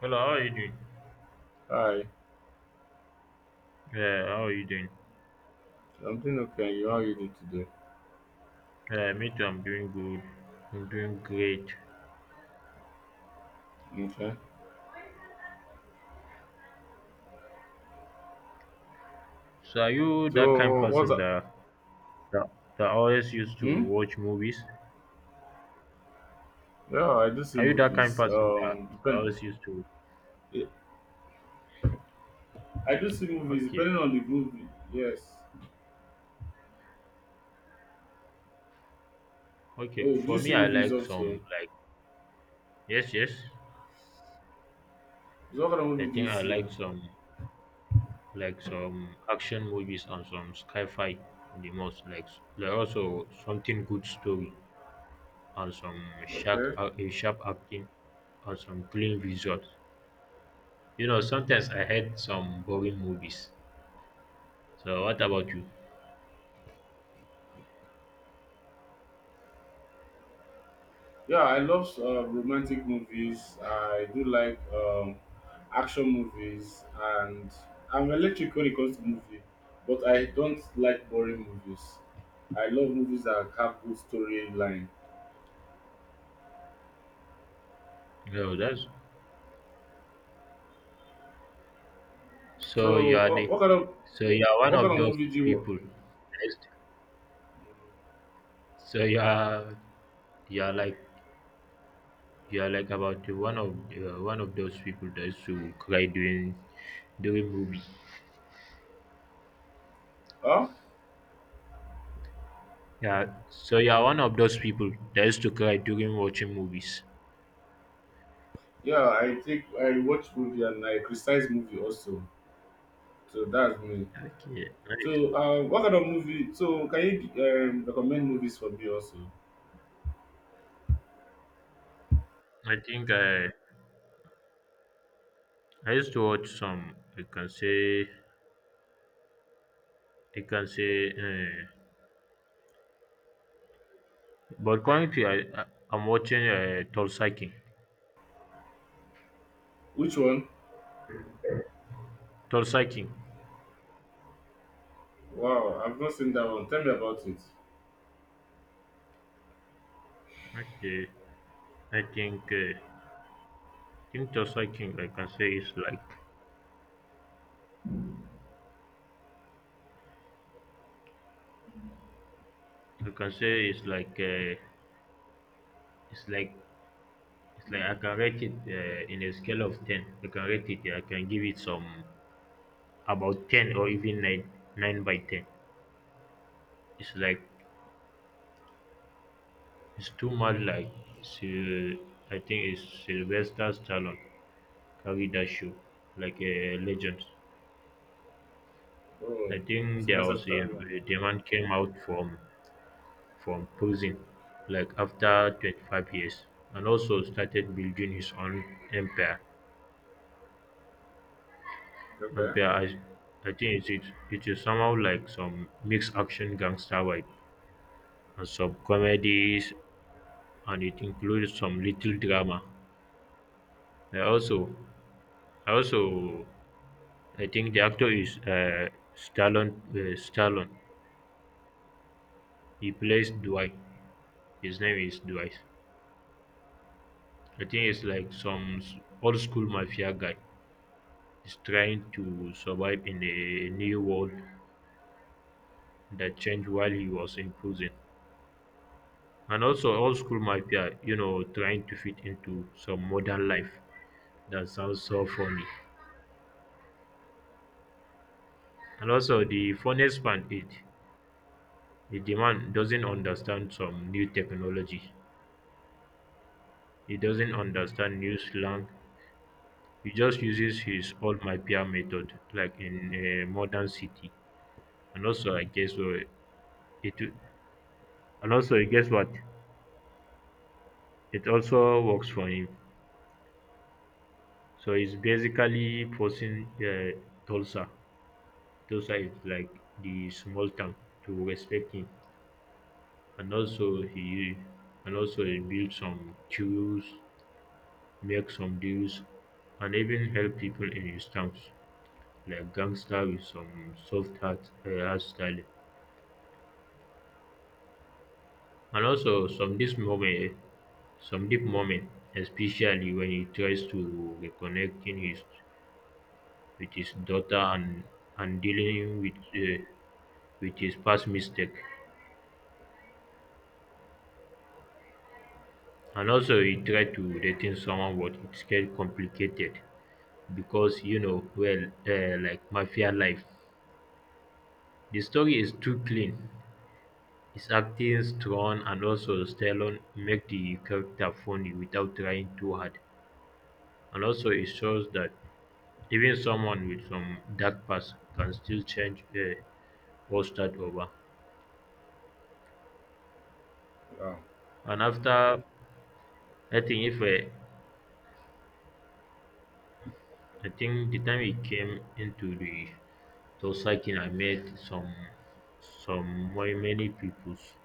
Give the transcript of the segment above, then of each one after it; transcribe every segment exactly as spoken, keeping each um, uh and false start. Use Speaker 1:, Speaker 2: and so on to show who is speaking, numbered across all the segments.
Speaker 1: Hello, how are you doing?
Speaker 2: Hi,
Speaker 1: Yeah, how are you doing?
Speaker 2: I'm doing okay. You, how are you doing today?
Speaker 1: Yeah, me too. I'm doing good. I'm doing great.
Speaker 2: Okay.
Speaker 1: So, are you that kind
Speaker 2: So what's
Speaker 1: person
Speaker 2: up?
Speaker 1: that that, that always used to
Speaker 2: Hmm?
Speaker 1: watch movies?
Speaker 2: Yeah, I do see
Speaker 1: Are you that kind
Speaker 2: movies.
Speaker 1: person that
Speaker 2: Um, depend.
Speaker 1: always used to?
Speaker 2: eh, I do see movies
Speaker 1: Okay,
Speaker 2: depending on the movie. Yes.
Speaker 1: okay.
Speaker 2: Oh, do you
Speaker 1: For me,
Speaker 2: see
Speaker 1: I
Speaker 2: movies
Speaker 1: like some
Speaker 2: also?
Speaker 1: like yes, yes.
Speaker 2: So what kind of
Speaker 1: I
Speaker 2: movie do you
Speaker 1: think I
Speaker 2: see?
Speaker 1: like some like some action movies and some sci-fi the most. Like s- like also something good story and some sharp
Speaker 2: Okay.
Speaker 1: uh, sharp acting and some clean visuals. You know, sometimes I hate some boring movies. So what about you?
Speaker 2: Yeah, I love uh, romantic movies. I do like um, action movies, and I'm electric when it comes to movie, but I don't like boring movies. I love movies that have good storyline.
Speaker 1: No, that's so
Speaker 2: So,
Speaker 1: you are
Speaker 2: uh,
Speaker 1: the
Speaker 2: what kind of
Speaker 1: so you are one
Speaker 2: what kind
Speaker 1: of
Speaker 2: of
Speaker 1: those
Speaker 2: movie do you?
Speaker 1: people. Next. So you are you are like you are like about the one of uh, one of those people that used to cry during during movie.
Speaker 2: Huh?
Speaker 1: Yeah. So you are one of those people that used to cry during watching movies.
Speaker 2: Yeah, I take I watch movie and I criticize movie also. So that's me.
Speaker 1: Okay, nice.
Speaker 2: So, uh, what kind of movie? So, can you um, recommend movies for me also?
Speaker 1: I think I I used to watch some. I can say I can say. Uh, But currently, I, I I'm watching uh, Tulsa King.
Speaker 2: Which one?
Speaker 1: Tulsa King.
Speaker 2: Wow, I've not seen that one. Tell me about it.
Speaker 1: Okay. I think uh, think Tulsa King. I can say it's like I can say it's like uh, it's like it's like I can rate it uh, in a scale of ten. I can rate it. I can give it some about ten or even nine nine by ten. It's like it's too much like Syl- I think it's Sylvester Stallone carried that show like a legend. I
Speaker 2: Oh,
Speaker 1: think there
Speaker 2: Sylvester
Speaker 1: was a,
Speaker 2: Stallone.
Speaker 1: a demand came out from from prison, like after twenty-five years, and also started building his own empire.
Speaker 2: Okay.
Speaker 1: Empire, I, I think it is it is somehow like some mixed action gangster vibe and some comedies, and it includes some little drama. I also, I also, I think the actor is uh, Stallone. Uh, Stallone. He plays Dwight. His name is Dwight. I think it's like some s- old school mafia guy is trying to survive in a new world that changed while he was in prison. And also old school mafia, you know, trying to fit into some modern life. That sounds so funny. And also the funniest part is the demand doesn't understand some new technology. He doesn't understand new slang. He just uses his old mafia method like in a modern city and also I guess uh, it And also, guess what? It also works for him. So he's basically forcing uh, Tulsa. Tulsa is like the small town to respect him. And also he and also he built some queues, make some deals, and even help people in his towns, like gangster with some soft heart uh, hairstyle. And also some this moment some deep moment, especially when he tries to reconnect in his with his daughter and and dealing with uh, with his past mistake. And also he tried to dating someone, but it's get complicated because you know well uh, like mafia life. The story is too clean. His acting strong and also Stallone make the character funny without trying too hard. And also it shows that even someone with some dark past can still change uh, or start over.
Speaker 2: Wow.
Speaker 1: And after I think if uh, I think the time it came into the Tosakin, I met some some very many peoples,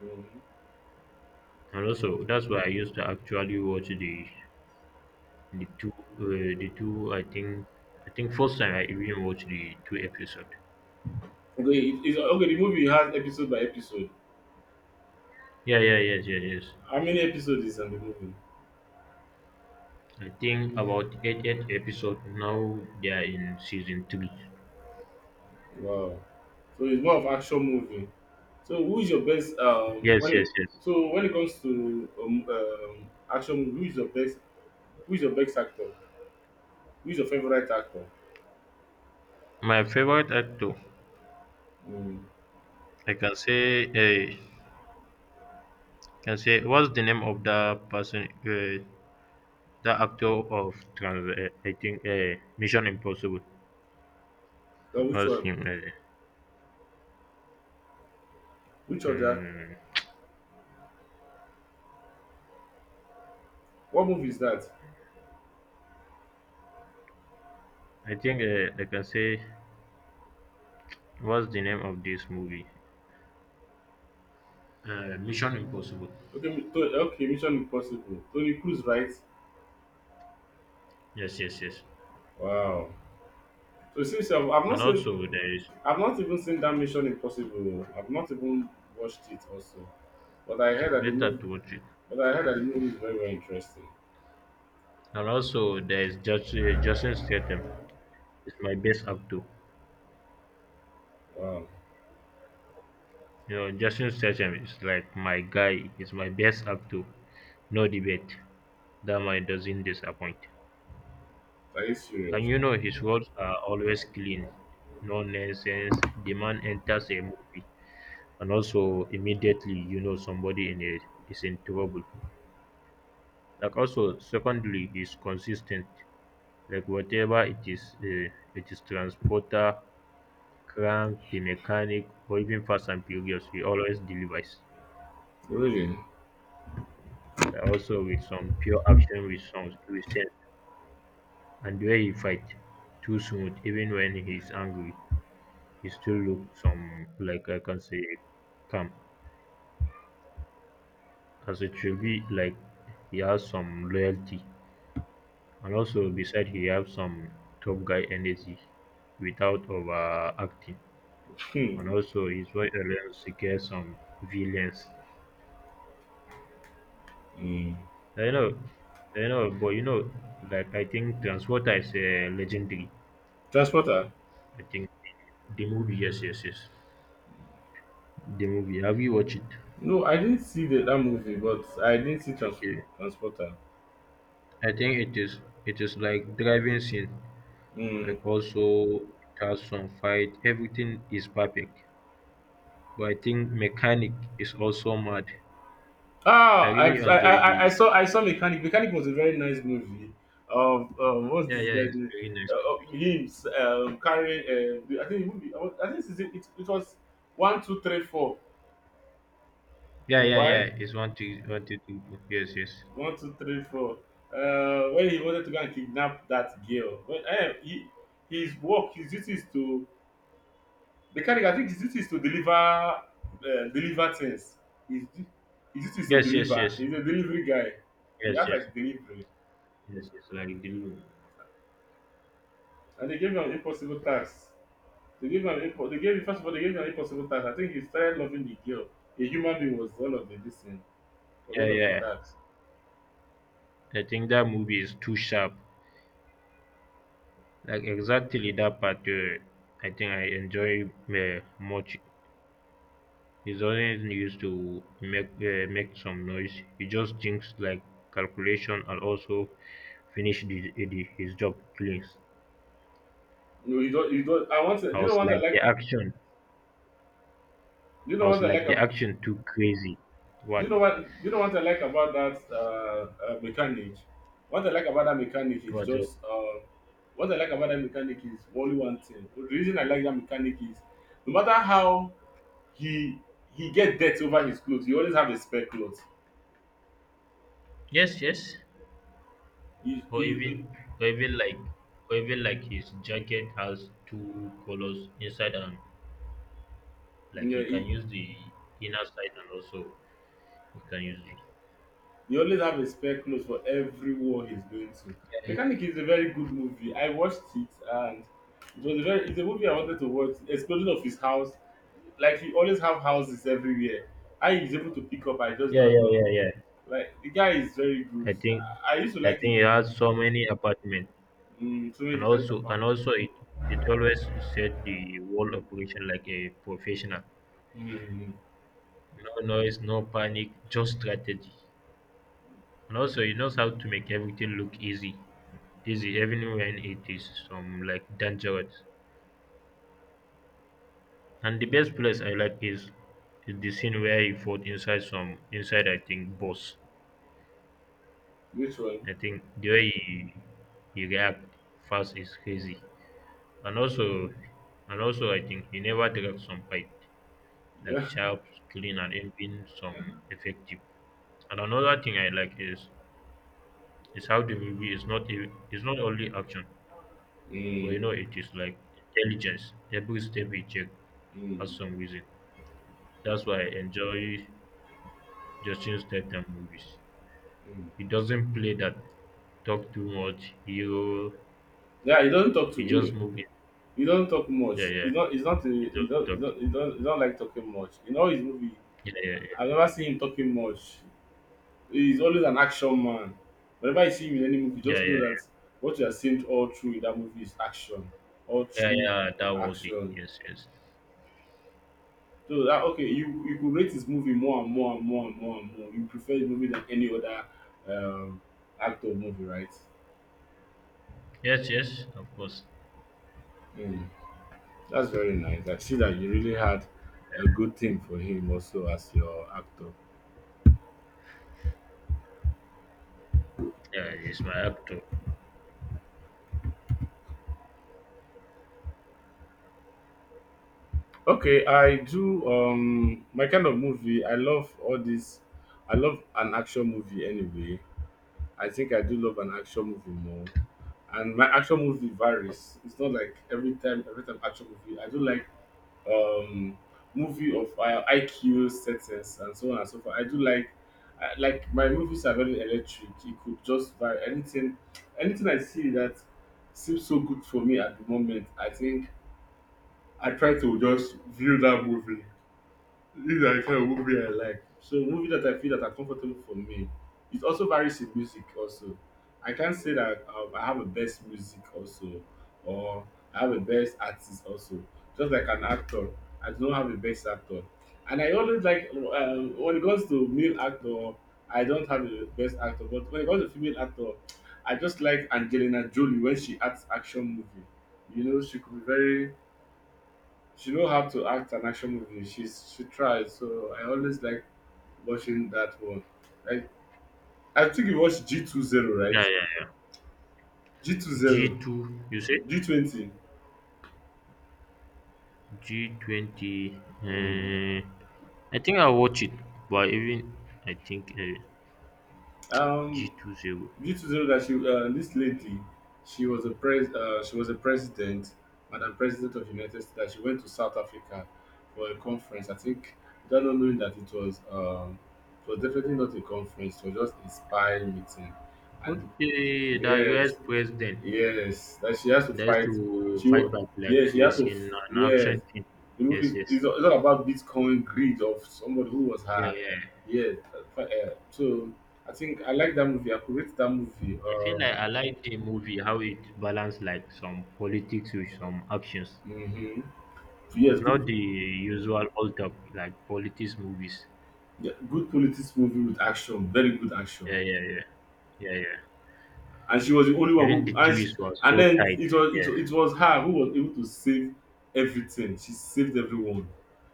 Speaker 2: Hmm.
Speaker 1: and also that's why I used to actually watch the the two uh, the two. I think I think first time I even watched the two episode.
Speaker 2: Okay, it, it's, okay. The movie has episode by episode.
Speaker 1: Yeah, yeah, yes, yes, yes.
Speaker 2: How many episodes is on the movie?
Speaker 1: I think about eight eight episode now. They are in season three.
Speaker 2: Wow. So it's more of action movie. So who is your best um
Speaker 1: Yes,
Speaker 2: when it,
Speaker 1: yes, yes.
Speaker 2: so when it comes to um, um action movie, who is your best who is your best actor? Who is your favorite actor?
Speaker 1: My favorite actor,
Speaker 2: Mm.
Speaker 1: I can say, uh, can say, what's the name of that person? Uh, the actor of trans- uh, I think uh, Mission Impossible
Speaker 2: Then which
Speaker 1: was
Speaker 2: one?
Speaker 1: him. Uh,
Speaker 2: Which other?
Speaker 1: um,
Speaker 2: What movie is that?
Speaker 1: I think uh, I can say what's the name of this movie? Uh, Mission Impossible.
Speaker 2: Okay, mi- to, okay, Mission Impossible. Tony Cruise, right?
Speaker 1: Yes, yes, yes.
Speaker 2: Wow. So since I've, I've not
Speaker 1: And
Speaker 2: seen
Speaker 1: also there is
Speaker 2: I've not even seen that Mission Impossible. I've not even watched it also. But I heard
Speaker 1: it's
Speaker 2: that the
Speaker 1: better
Speaker 2: movie
Speaker 1: to watch it.
Speaker 2: but I heard that the movie is very very interesting.
Speaker 1: And also there is just uh, Justin Statham. It's my best actor.
Speaker 2: Wow.
Speaker 1: You know, Justin Statham is like my guy. He's my best actor. No debate. That man doesn't disappoint.
Speaker 2: That is serious.
Speaker 1: And you know, his words are always clean, no nonsense. The man enters a movie, and also immediately you know somebody in it is in trouble. Like also, secondly, he's consistent. Like whatever it is, uh, it is transporter, crank, the mechanic, or even Fast and Furious, he always delivers.
Speaker 2: Really?
Speaker 1: Like also with some pure action with some with sense, and the way he fight too smooth, even when he's angry. It still look some like I can say calm as it should be like he has some loyalty and also beside he have some tough guy energy without overacting and
Speaker 2: Hmm.
Speaker 1: also his wife alone secure some villains.
Speaker 2: Mm.
Speaker 1: I know I know but you know like I think Transporter is a legendary.
Speaker 2: Transporter?
Speaker 1: I think the movie yes yes yes. The movie have you watched it?
Speaker 2: No, I didn't see the, that movie, but I didn't see trans-
Speaker 1: Okay.
Speaker 2: Transporter.
Speaker 1: I think it is it is like driving scene.
Speaker 2: Mm.
Speaker 1: Like also it has some fight everything is perfect but I think mechanic is also mad. I
Speaker 2: Ah, I,
Speaker 1: really
Speaker 2: I
Speaker 1: enjoyed the
Speaker 2: I I saw I saw Mechanic. Mechanic was a very nice movie. Um, um what's
Speaker 1: yeah
Speaker 2: this
Speaker 1: yeah
Speaker 2: guy's
Speaker 1: it's
Speaker 2: name?
Speaker 1: very nice
Speaker 2: Uh,
Speaker 1: movie
Speaker 2: uh, him um, carrying. Uh, the- I think the movie. I was- I think it's, it, it was one, two, three, four.
Speaker 1: yeah yeah yeah
Speaker 2: Why?
Speaker 1: it's one two one two three four yes yes
Speaker 2: One, two, three, four. Uh, when he wanted to go and kidnap that girl. But, eh, he, his work, his duty is to Mechanic I think his duty is to deliver um deliver things. His du his duty is to
Speaker 1: yes yes
Speaker 2: deliver.
Speaker 1: yes
Speaker 2: He's a delivery guy. He
Speaker 1: yes
Speaker 2: act
Speaker 1: yes
Speaker 2: like delivery
Speaker 1: yes yes like the loop.
Speaker 2: and they gave him an impossible task. They gave him an impo they gave him first of all they gave him an impossible task. I think he started loving the girl. A human being was all of the this thing was
Speaker 1: Yeah
Speaker 2: all of the
Speaker 1: yeah
Speaker 2: task.
Speaker 1: I think that movie is too sharp like exactly that part uh, I think I enjoy uh, much. He's always used to make uh, make some noise. He just thinks like calculation and also finish the, the, his job clean.
Speaker 2: No you don't you don't I want to do
Speaker 1: I
Speaker 2: you know
Speaker 1: was
Speaker 2: what I
Speaker 1: like the
Speaker 2: like
Speaker 1: action.
Speaker 2: do you know
Speaker 1: I
Speaker 2: what
Speaker 1: was
Speaker 2: I like
Speaker 1: like the
Speaker 2: ab
Speaker 1: action too crazy.
Speaker 2: Do you
Speaker 1: What?
Speaker 2: know what? Do you know what I like about that uh, uh, mechanic? What I like about that mechanic is
Speaker 1: What? What?
Speaker 2: just uh, what I like about that mechanic is only one thing. The reason I like that mechanic is no matter how he he get dirt over his clothes, he always have a spare clothes.
Speaker 1: Yes, yes.
Speaker 2: He,
Speaker 1: Or
Speaker 2: he, he-
Speaker 1: even or even like or even like his jacket has two colors inside and like
Speaker 2: yeah,
Speaker 1: he can
Speaker 2: he-
Speaker 1: use the inner side and also he can use the
Speaker 2: He always have a spare clothes for every war he's going to. Mechanic is a very good movie. I watched it and it was a very it's a movie I wanted to watch. Explosion of his house. Like he always have houses everywhere. How he's able to pick up, I just
Speaker 1: yeah
Speaker 2: don't
Speaker 1: yeah
Speaker 2: know.
Speaker 1: yeah yeah.
Speaker 2: Like the guy is very good.
Speaker 1: I think
Speaker 2: I, I used to
Speaker 1: I
Speaker 2: like
Speaker 1: think
Speaker 2: it.
Speaker 1: he has so many apartments.
Speaker 2: Mm, so many
Speaker 1: and
Speaker 2: different
Speaker 1: also and
Speaker 2: accounts.
Speaker 1: also it, it always set the whole operation like a professional
Speaker 2: Mm,
Speaker 1: no noise no panic just strategy and also he knows how to make everything look easy easy even when it is some like dangerous and the best place I like is is the scene where he fought inside some inside I think boss.
Speaker 2: which one?
Speaker 1: I think the way he, he react fast is crazy and also and also I think he never dropped some fight like
Speaker 2: Yeah.
Speaker 1: sharp, clean, and even some effective. And another thing I like is is how the movie is not e- it's not only action, but
Speaker 2: Mm,
Speaker 1: you know it is like intelligence. Every step he take has
Speaker 2: mm,
Speaker 1: some reason. That's why I enjoy Justin Statham movies.
Speaker 2: mm.
Speaker 1: He doesn't play that talk too much hero.
Speaker 2: Yeah, he doesn't talk to
Speaker 1: He
Speaker 2: me.
Speaker 1: just move it.
Speaker 2: He don't talk much.
Speaker 1: Yeah,
Speaker 2: He
Speaker 1: yeah.
Speaker 2: not. He's not. A,
Speaker 1: He
Speaker 2: he
Speaker 1: doesn't
Speaker 2: don't. He
Speaker 1: talk.
Speaker 2: don't. He don't. He don't like talking much. In all his movie,
Speaker 1: Yeah, yeah,
Speaker 2: I've never seen him talking much. He's always an action man. Whenever you see him in any movie,
Speaker 1: yeah,
Speaker 2: just
Speaker 1: yeah,
Speaker 2: know
Speaker 1: yeah,
Speaker 2: that what you are seeing all through in that movie is action. All
Speaker 1: yeah,
Speaker 2: through
Speaker 1: yeah. That was it.
Speaker 2: action.
Speaker 1: Yes, yes,
Speaker 2: So that okay, you you could rate his movie more and more and more and more and more. You prefer his movie than any other um, actor movie, right?
Speaker 1: yes, yes. Of course.
Speaker 2: Mm. That's very nice. I see that you really had a good thing for him also as your actor.
Speaker 1: Yeah, he's my actor.
Speaker 2: Okay, I do um my kind of movie. I love all this. I love an action movie anyway. I think I do love an action movie more. And my action movie varies. It's not like every time every time action movie. I do like um movie of uh, I Q settings and so on and so forth. I do like I, like my movies are very electric. It could just vary anything anything I see that seems so good for me at the moment. I think I try to just view that movie these are the kind of movie I like. So movie that I feel that are comfortable for me. It also varies in music also. I can't say that um, I have a best music also or I have a best artist also. Just like an actor, I do not have a best actor. And I always like um, when it comes to male actor, I don't have a best actor. But when it comes to female actor, I just like Angelina Jolie when she acts action movie. You know, she could be very she know how to act an action movie. She's she tries. So I always like watching that one. Like I think you watched G two zero, right?
Speaker 1: Yeah, yeah.
Speaker 2: G two zero,
Speaker 1: G two, you said?
Speaker 2: G twenty.
Speaker 1: G twenty.
Speaker 2: Mm.
Speaker 1: Uh, I think I'll watch it, but even I think uh, g
Speaker 2: Um,
Speaker 1: two zero.
Speaker 2: G two zero that she uh, this lady, she was a pres uh, she was a president, Madam President of United States. That she went to South Africa for a conference. I think without not knowing that it was um, it was definitely not a conference. It was just a spy meeting, and
Speaker 1: Okay, the U S
Speaker 2: yes,
Speaker 1: president
Speaker 2: yes, that she has to
Speaker 1: that is
Speaker 2: fight.
Speaker 1: to
Speaker 2: She
Speaker 1: fight
Speaker 2: wa-
Speaker 1: back, like
Speaker 2: yes, she has
Speaker 1: this
Speaker 2: to
Speaker 1: in
Speaker 2: f-
Speaker 1: an
Speaker 2: yes.
Speaker 1: action team.
Speaker 2: The movie
Speaker 1: Yes,
Speaker 2: is
Speaker 1: yes.
Speaker 2: it's all it's all about Bitcoin greed of somebody who was
Speaker 1: Yeah,
Speaker 2: her.
Speaker 1: yeah.
Speaker 2: Yes, uh, fi- uh, so I think I like that movie. I could rate that movie.
Speaker 1: I feel
Speaker 2: Um,
Speaker 1: like I like the movie how it balanced like some politics with some actions.
Speaker 2: mhm. Yes,
Speaker 1: It's
Speaker 2: good,
Speaker 1: not the usual old talk like politics movies.
Speaker 2: yeah, good politics movie with action, very good action.
Speaker 1: Yeah, yeah, yeah. Yeah, yeah.
Speaker 2: And she was the only one
Speaker 1: Even
Speaker 2: who
Speaker 1: the
Speaker 2: and she,
Speaker 1: twist was
Speaker 2: and
Speaker 1: so
Speaker 2: then
Speaker 1: tight.
Speaker 2: it was it,
Speaker 1: Yeah,
Speaker 2: was- it was her who was able to save everything. She saved everyone.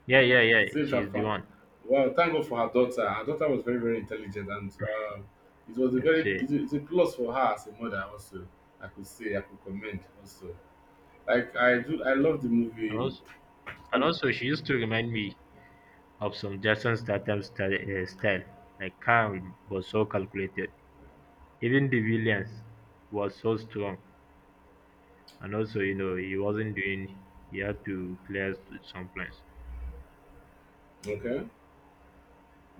Speaker 1: yeah, yeah, yeah.
Speaker 2: Saved her
Speaker 1: She's the
Speaker 2: farm.
Speaker 1: one.
Speaker 2: Wow, thank God for her daughter. Her daughter was very, very intelligent, and um, it was a
Speaker 1: Let's
Speaker 2: very
Speaker 1: say,
Speaker 2: it's a, it's a plus for her as a mother. Also, I could say I could commend also. Like I do, I love the
Speaker 1: and
Speaker 2: movie.
Speaker 1: also, and
Speaker 2: And,
Speaker 1: also, she used to remind me of some Jason Statham style, uh, style, like calm but so calculated. Even the villains was so strong, and also, you know, he wasn't doing. He had to clear some plans.
Speaker 2: okay,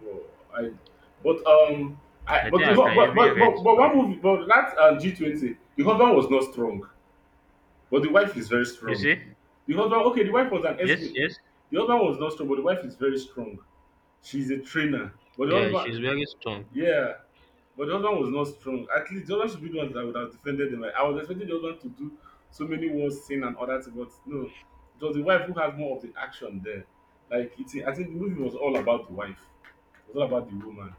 Speaker 2: well, I but um I
Speaker 1: I think
Speaker 2: but the
Speaker 1: I
Speaker 2: hu-
Speaker 1: can
Speaker 2: but
Speaker 1: even
Speaker 2: but
Speaker 1: read
Speaker 2: but, but
Speaker 1: some.
Speaker 2: one movie but that uh, G twenty the husband was not strong, but the wife is very
Speaker 1: You
Speaker 2: strong.
Speaker 1: see?
Speaker 2: The husband okay, the wife was an S.
Speaker 1: Yes,
Speaker 2: The
Speaker 1: yes.
Speaker 2: husband was not strong, but the wife is very strong. She's a trainer, but the
Speaker 1: Yeah, she's
Speaker 2: husband
Speaker 1: very strong.
Speaker 2: Yeah, but the husband was not strong. At least the husband should be the one that would have defended them. Like, I was expecting the husband to do so many words, sin and other things, but no. It was the wife who has more of the action there. Like it's, I think the movie was all about the wife. It was all about the woman.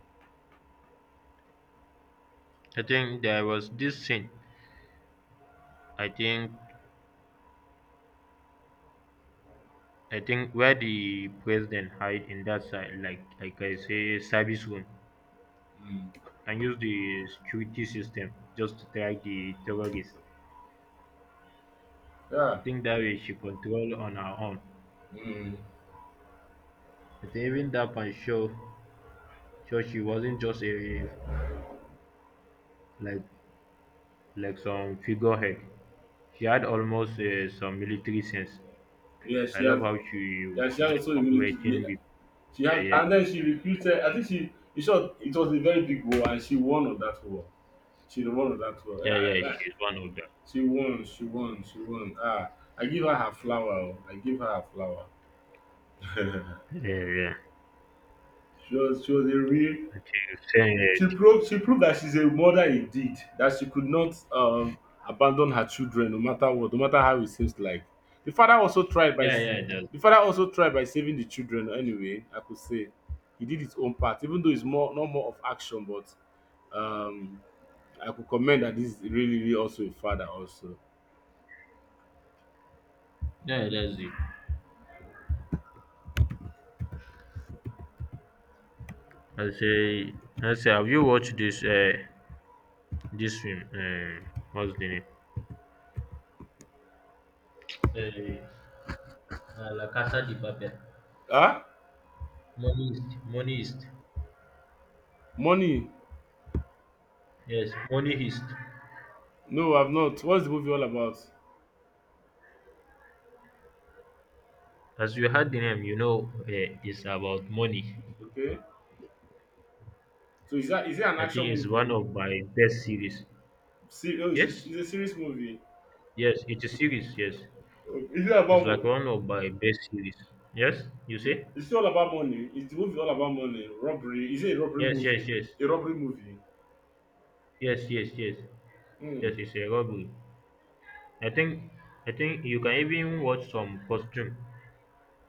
Speaker 1: I think there was this scene. I think I think where the president hide in that side, like like I say, service room,
Speaker 2: Mm.
Speaker 1: and use the security system just to track the terrorists. I
Speaker 2: Yeah.
Speaker 1: think that way she control on her own.
Speaker 2: Mm.
Speaker 1: I think even that one show, show she wasn't just a like like some figurehead. She had almost uh, some military sense.
Speaker 2: Yeah,
Speaker 1: I
Speaker 2: she
Speaker 1: love
Speaker 2: has.
Speaker 1: how she
Speaker 2: Yeah, she has
Speaker 1: wasn't
Speaker 2: also a military.
Speaker 1: operating.
Speaker 2: Yeah,
Speaker 1: Be-
Speaker 2: she
Speaker 1: yeah,
Speaker 2: has,
Speaker 1: yeah,
Speaker 2: and then she recruited. I think she. In short, it was a very big war, and she won on that war. She won on that
Speaker 1: yeah, yeah.
Speaker 2: war.
Speaker 1: She's one of them.
Speaker 2: She won, she won, she won. Ah, I give her her flower. Oh. I give her her flower.
Speaker 1: Yeah, yeah.
Speaker 2: she was she was a real
Speaker 1: I think,
Speaker 2: she
Speaker 1: uh,
Speaker 2: proved she proved that she's a mother indeed. That she could not um abandon her children no matter what, no matter how it seems like. The father also tried by
Speaker 1: yeah,
Speaker 2: s-
Speaker 1: yeah. That's
Speaker 2: the father also tried by saving the children anyway, I could say. He did his own part, even though it's more not more of action, but um I could comment that this is really, really also a father also.
Speaker 1: yeah, that's it. I say, I say, have you watched this uh, this film? Um, what's the name? Eh, uh, La Casa de Papel.
Speaker 2: Ah,
Speaker 1: Money Heist. Money Heist.
Speaker 2: money
Speaker 1: Yes, Money Heist.
Speaker 2: No, I've not. What's the movie all about?
Speaker 1: As you heard the name, you know uh, it's about money.
Speaker 2: Okay. So is that is it an
Speaker 1: I
Speaker 2: action
Speaker 1: think it's one
Speaker 2: movie?
Speaker 1: of my best series.
Speaker 2: See, oh, it's a, it's
Speaker 1: Yes,
Speaker 2: a serious movie.
Speaker 1: yes, it's a series. Yes,
Speaker 2: Oh, Is it
Speaker 1: it's
Speaker 2: about
Speaker 1: like
Speaker 2: mo-
Speaker 1: one of my best series. Yes, you say?
Speaker 2: is it all about money? Is the movie all about money? Robbery? Is it a robbery
Speaker 1: Yes,
Speaker 2: movie?
Speaker 1: yes, yes,
Speaker 2: A robbery movie.
Speaker 1: yes, yes, yes,
Speaker 2: Hmm.
Speaker 1: yes. It's a robbery. I think, I think you can even watch some costume.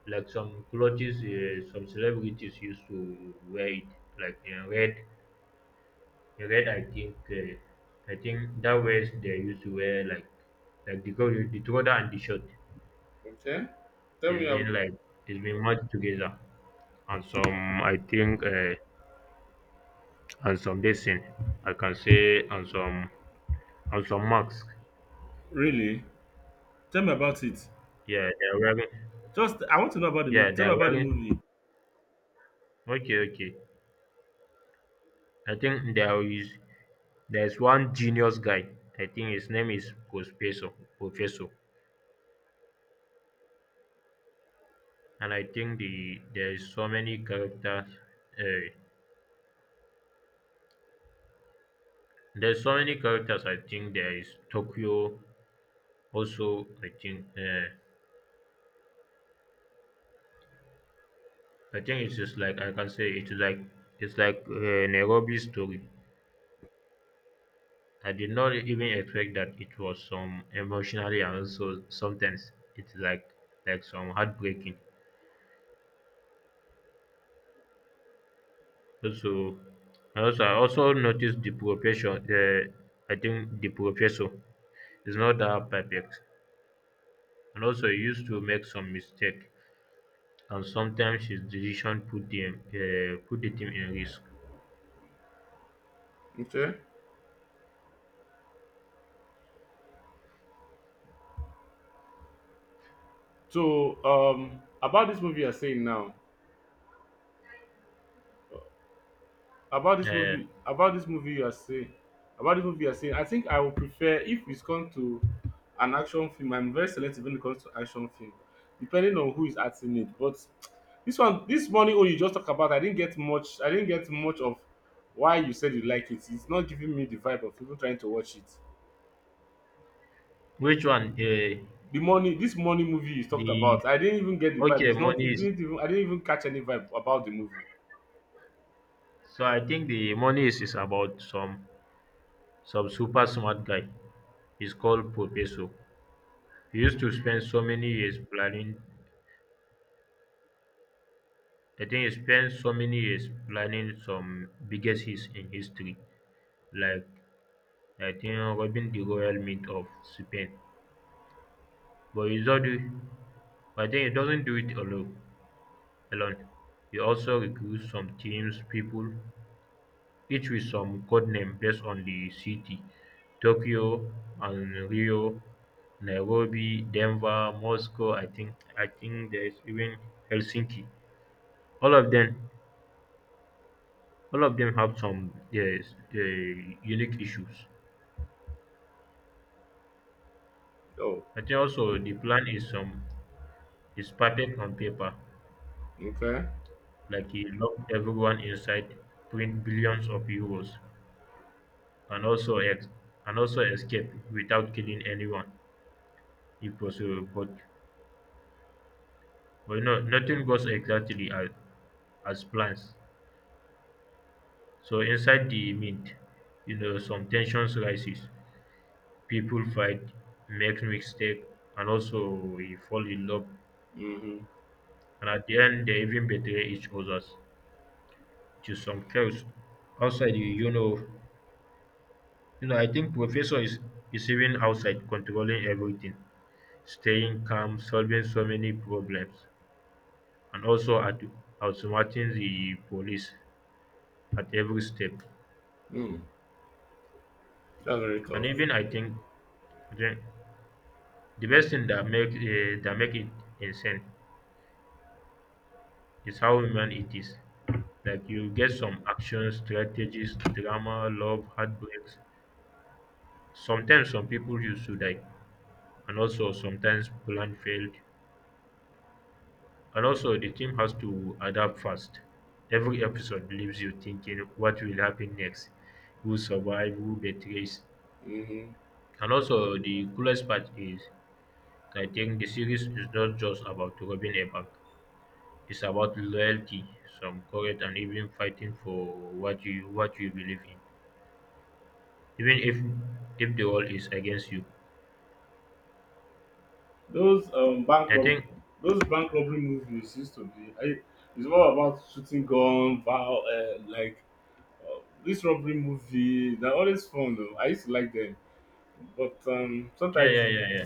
Speaker 1: Like some clothes, uh, some celebrities used to wear it, like in red. In red, I think, uh, I think that was they used to wear like, like the go the trouser and the shirt.
Speaker 2: Okay. Tell me.
Speaker 1: It's been
Speaker 2: ab-
Speaker 1: like it's been merged together, and some I think, uh, and some decent, I can say, and some and some masks.
Speaker 2: Really? Tell me about it.
Speaker 1: Yeah, they're wearing.
Speaker 2: Just I want to know about the
Speaker 1: Yeah,
Speaker 2: movie. Tell me
Speaker 1: they're
Speaker 2: about the
Speaker 1: wearing.
Speaker 2: movie.
Speaker 1: Okay, okay. I think there is there's one genius guy. I think his name is Professor. Professor. And I think the there is so many characters. Uh, there's so many characters. I think there is Tokyo. Also, I think uh, I think it's just like I can say it's like it's like uh, Nairobi story. I did not even expect that it was some emotionally, and also sometimes it's like like some heartbreaking. Also, and also I also noticed the profession. Uh, I think the professor is not that perfect, and also he used to make some mistake, and sometimes his decision put the uh, put the team in risk.
Speaker 2: Okay. So um about this movie you're saying now. About this
Speaker 1: Uh,
Speaker 2: movie, about this movie you are saying, about this movie you are saying, I think I would prefer if it's come to an action film. I'm very selective when it comes to action film, depending on who is acting it. But this one, this morning, oh, you just talk about, I didn't get much. I didn't get much of why you said you like it. It's not giving me the vibe of people trying to watch it.
Speaker 1: which one? Uh,
Speaker 2: The money, this money movie you talked
Speaker 1: the
Speaker 2: about, I didn't even get the vibe.
Speaker 1: Okay,
Speaker 2: It's not.
Speaker 1: money
Speaker 2: It
Speaker 1: is.
Speaker 2: didn't even. I didn't even catch any vibe about the movie.
Speaker 1: So I think the money is, is about some some super smart guy. He's called Professor. He used to spend so many years planning. I think he spent so many years planning some biggest hits in history, like I think robbing the royal mint of Spain. But he's does not do. I think he doesn't do it alone. alone. He also recruits some teams people, each with some code name based on the city: Tokyo and Rio, Nairobi, Denver, Moscow. I think I think there's even Helsinki. All of them, all of them have some yes, uh, unique issues.
Speaker 2: Oh,
Speaker 1: I think also the plan is um is perfect on paper,
Speaker 2: okay.
Speaker 1: like he locked everyone inside, print billions of euros, and also ex- and also escape without killing anyone if possible, but but no, nothing goes exactly as, as plans. So inside the mint, you know, some tensions rises, people fight, make mistake, and also we fall in love,
Speaker 2: Mm-hmm.
Speaker 1: and at the end they even betray each others to some chaos outside. You you know you know I think professor is is even outside controlling everything, staying calm, solving so many problems, and also at outsmarting the police at every step.
Speaker 2: Mm. That's very
Speaker 1: And
Speaker 2: tough.
Speaker 1: even I think the, the best thing that make uh, that make it insane is how human it is. Like you get some action, strategies, drama, love, heartbreaks. Sometimes some people used to die, and also sometimes plan failed, and also the team has to adapt fast. Every episode leaves you thinking what will happen next, who survive, who betrays.
Speaker 2: Mm-hmm.
Speaker 1: And also, the coolest part is, I think the series is not just about robbing a bank. It's about loyalty, some courage, and even fighting for what you what you believe in, even if if the world is against you.
Speaker 2: Those um bank
Speaker 1: I
Speaker 2: rob-
Speaker 1: think,
Speaker 2: those bank robbery movies used to be I, it's all about shooting gun, Val. uh, like uh, this robbery movie. They're always fun though. I used to like them, but um
Speaker 1: yeah,
Speaker 2: sometimes
Speaker 1: yeah, yeah, yeah.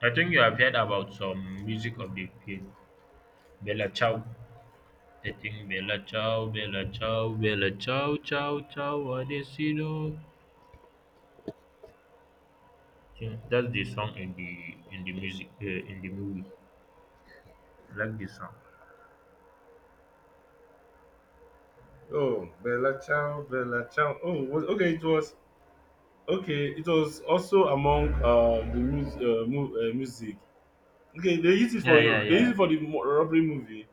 Speaker 1: I think you have heard about some music of the film, Bella Ciao. I think Bella Ciao, Bella Ciao, Bella Ciao, Ciao, Ciao, what is That's the song in the in the music uh, in the movie. I like this song.
Speaker 2: oh Bella Ciao, Bella Ciao. Oh was, okay, it was okay. It was also among uh, the mu- uh, mu- uh, music. Okay, they used it for
Speaker 1: Yeah, yeah,
Speaker 2: they used
Speaker 1: yeah,
Speaker 2: it for the mo- robbery movie.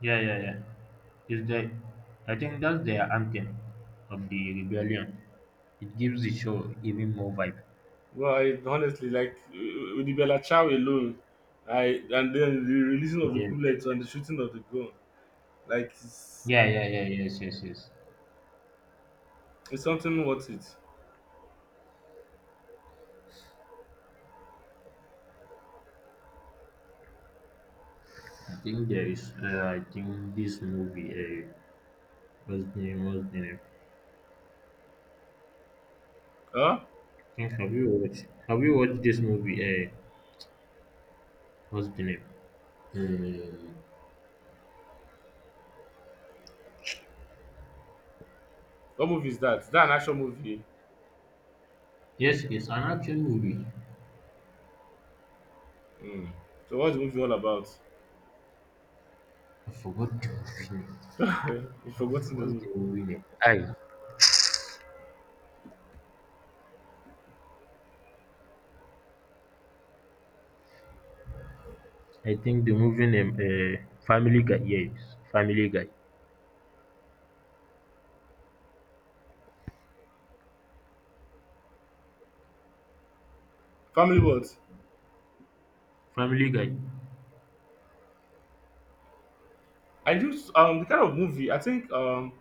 Speaker 1: yeah, yeah, yeah. Is the I think that's the anthem of the rebellion. It gives the show even more vibe.
Speaker 2: Well, I honestly like uh, with the Bella Chow alone, I and then the releasing of the
Speaker 1: Yes, yes,
Speaker 2: bullets and the
Speaker 1: yes.
Speaker 2: shooting of the gun, like it's,
Speaker 1: Yeah, yeah, yeah, yes, yes, yes.
Speaker 2: it's something worth it.
Speaker 1: I think there is. Uh, I think this movie. Uh, what's the name? What's the name?
Speaker 2: Huh?
Speaker 1: I think Have you watched? Have you watched this movie? Uh, what's the name? Um,
Speaker 2: What movie is that? Is that an action movie?
Speaker 1: yes, it's an action movie.
Speaker 2: Hmm. So what's the movie all about?
Speaker 1: I forgot the movie name.
Speaker 2: You've forgotten the
Speaker 1: What's
Speaker 2: movie.
Speaker 1: the movie name? Aye. I think the movie name, uh, Family Guy. Yes, Family Guy.
Speaker 2: Family what?
Speaker 1: Family Guy.
Speaker 2: I just um the kind of movie I think um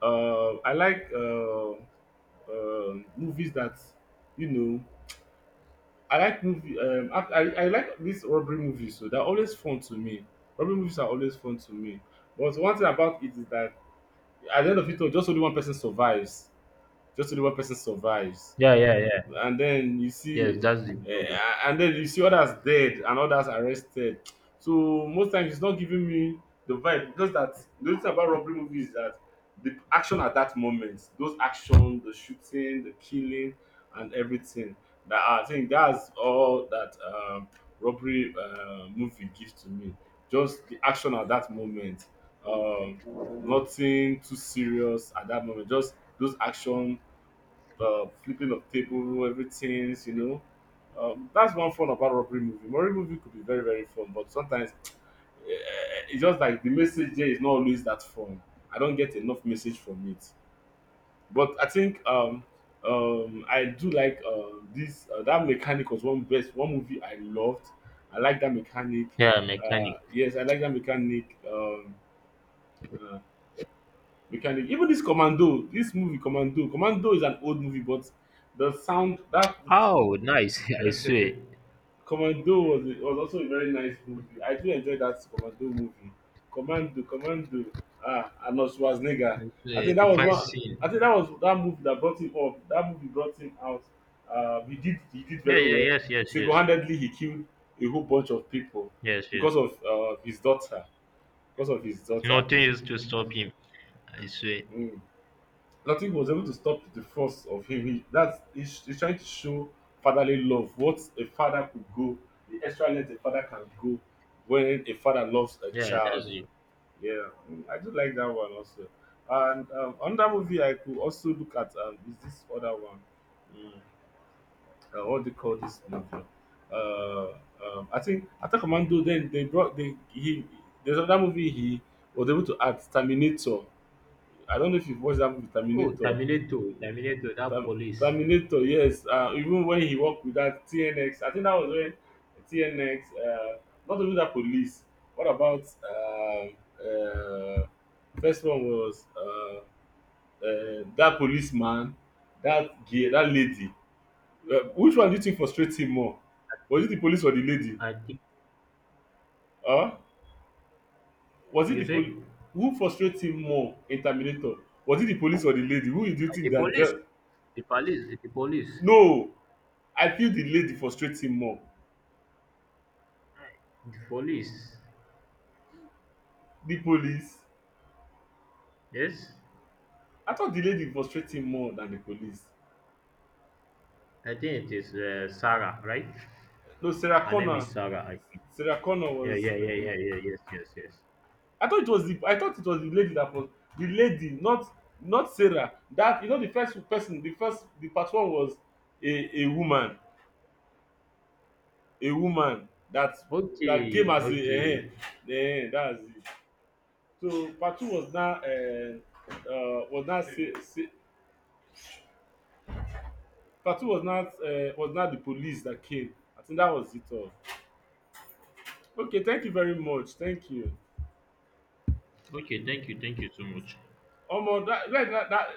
Speaker 2: uh I like uh, uh movies that you know I like movie. Um, I, I, I like these robbery movies, so they're always fun to me. Robbery movies are always fun to me. But one thing about it is that at the end of it all, just only one person survives. Just only one person survives
Speaker 1: Yeah, yeah, yeah.
Speaker 2: and then you
Speaker 1: Yes,
Speaker 2: see
Speaker 1: that's the
Speaker 2: uh,
Speaker 1: problem.
Speaker 2: and then you see others dead and others arrested, so most times it's not giving me the vibe, just that the only thing about robbery movie is that the action at that moment, those action, the shooting, the killing, and everything that I think that's all that um, robbery uh, movie gives to me, just the action at that moment. um, nothing too serious at that moment, just those action, uh, flipping of table, everything, you know. Um, that's one fun about robbery movie. Robbery movie could be very, very fun, but sometimes eh, it's just like the message there is not always that fun. I don't get enough message from it. But I think um, um, I do like uh, this. Uh, that mechanic was one best one movie I loved. I like that mechanic.
Speaker 1: Yeah,
Speaker 2: Uh,
Speaker 1: mechanic.
Speaker 2: yes, I like that mechanic. Um, uh, mechanic. Even this Commando, this movie Commando. Commando is an old movie, but the sound that
Speaker 1: Oh, nice. I swear.
Speaker 2: Commando was a, was also a very nice movie. I do enjoy that Commando movie. Commando, Commando. Ah, Arnold Schwarzenegger.
Speaker 1: I
Speaker 2: I
Speaker 1: swear.
Speaker 2: think that
Speaker 1: The
Speaker 2: was
Speaker 1: fight
Speaker 2: one.
Speaker 1: scene.
Speaker 2: I think that was that movie that brought him up. That movie brought him out. Uh, he did he did
Speaker 1: Yeah,
Speaker 2: very
Speaker 1: yeah,
Speaker 2: well.
Speaker 1: yes, yes, yes.
Speaker 2: Single-handedly, he killed a whole bunch of people
Speaker 1: Yes, yes.
Speaker 2: because of uh, his daughter. Because of his daughter.
Speaker 1: Nothing is to stop him. I swear.
Speaker 2: Mm. I was able to stop the force of him. He that's he's, he's trying to show fatherly love. What a father could go, the extra length a father can go when a father loves a
Speaker 1: Yeah,
Speaker 2: child.
Speaker 1: that's it.
Speaker 2: Yeah, mm, I do like that one also. And um, another movie I could also look at um, is this other one. Mm, uh, what they call this movie? Uh, um, I think Attack on Commando. Then they brought they he. There's another movie he was able to add Terminator. I don't know if you've watched that movie
Speaker 1: Oh,
Speaker 2: Terminator.
Speaker 1: Terminator. Terminator, that
Speaker 2: Ter
Speaker 1: police.
Speaker 2: Terminator, yes, uh, even when he worked with that T N X, I think that was when T N X, uh, not only that police. What about um, uh, first one was uh, uh, that policeman, that gay, that lady. Uh, which one do you think frustrates him more?
Speaker 1: I
Speaker 2: Was it
Speaker 1: think,
Speaker 2: the police or the lady?
Speaker 1: I think,
Speaker 2: Huh? Was it the
Speaker 1: you say?
Speaker 2: pol- who frustrates him more in Terminator? Was it the police or the lady? Who do you
Speaker 1: Uh,
Speaker 2: think
Speaker 1: The
Speaker 2: that?
Speaker 1: police.
Speaker 2: Dealt-
Speaker 1: The police. The police.
Speaker 2: no, I feel the lady frustrates him more.
Speaker 1: Aye, the police.
Speaker 2: The police.
Speaker 1: Yes?
Speaker 2: I thought the lady frustrate him more than the police.
Speaker 1: I think it is uh, Sarah, right?
Speaker 2: No, Sarah
Speaker 1: Her name
Speaker 2: Connor.
Speaker 1: is Sarah, I think.
Speaker 2: Sarah Connor
Speaker 1: Yeah,
Speaker 2: was.
Speaker 1: yeah, yeah,
Speaker 2: Uh,
Speaker 1: yeah, yeah, yes, yes, yes.
Speaker 2: I thought it was the. I thought it was the lady that was the lady, not not Sarah. That you know the first person, the first the part one was a a woman, a woman that that came
Speaker 1: Okay,
Speaker 2: as a
Speaker 1: okay.
Speaker 2: eh, eh, eh, that's it. So part two was not uh, uh was not say, say, part two was not uh, was not the police that came. I think that was it all. Okay, thank you very much. Thank you.
Speaker 1: Okay, thank you, thank you so much.
Speaker 2: Almost that, that, that, that.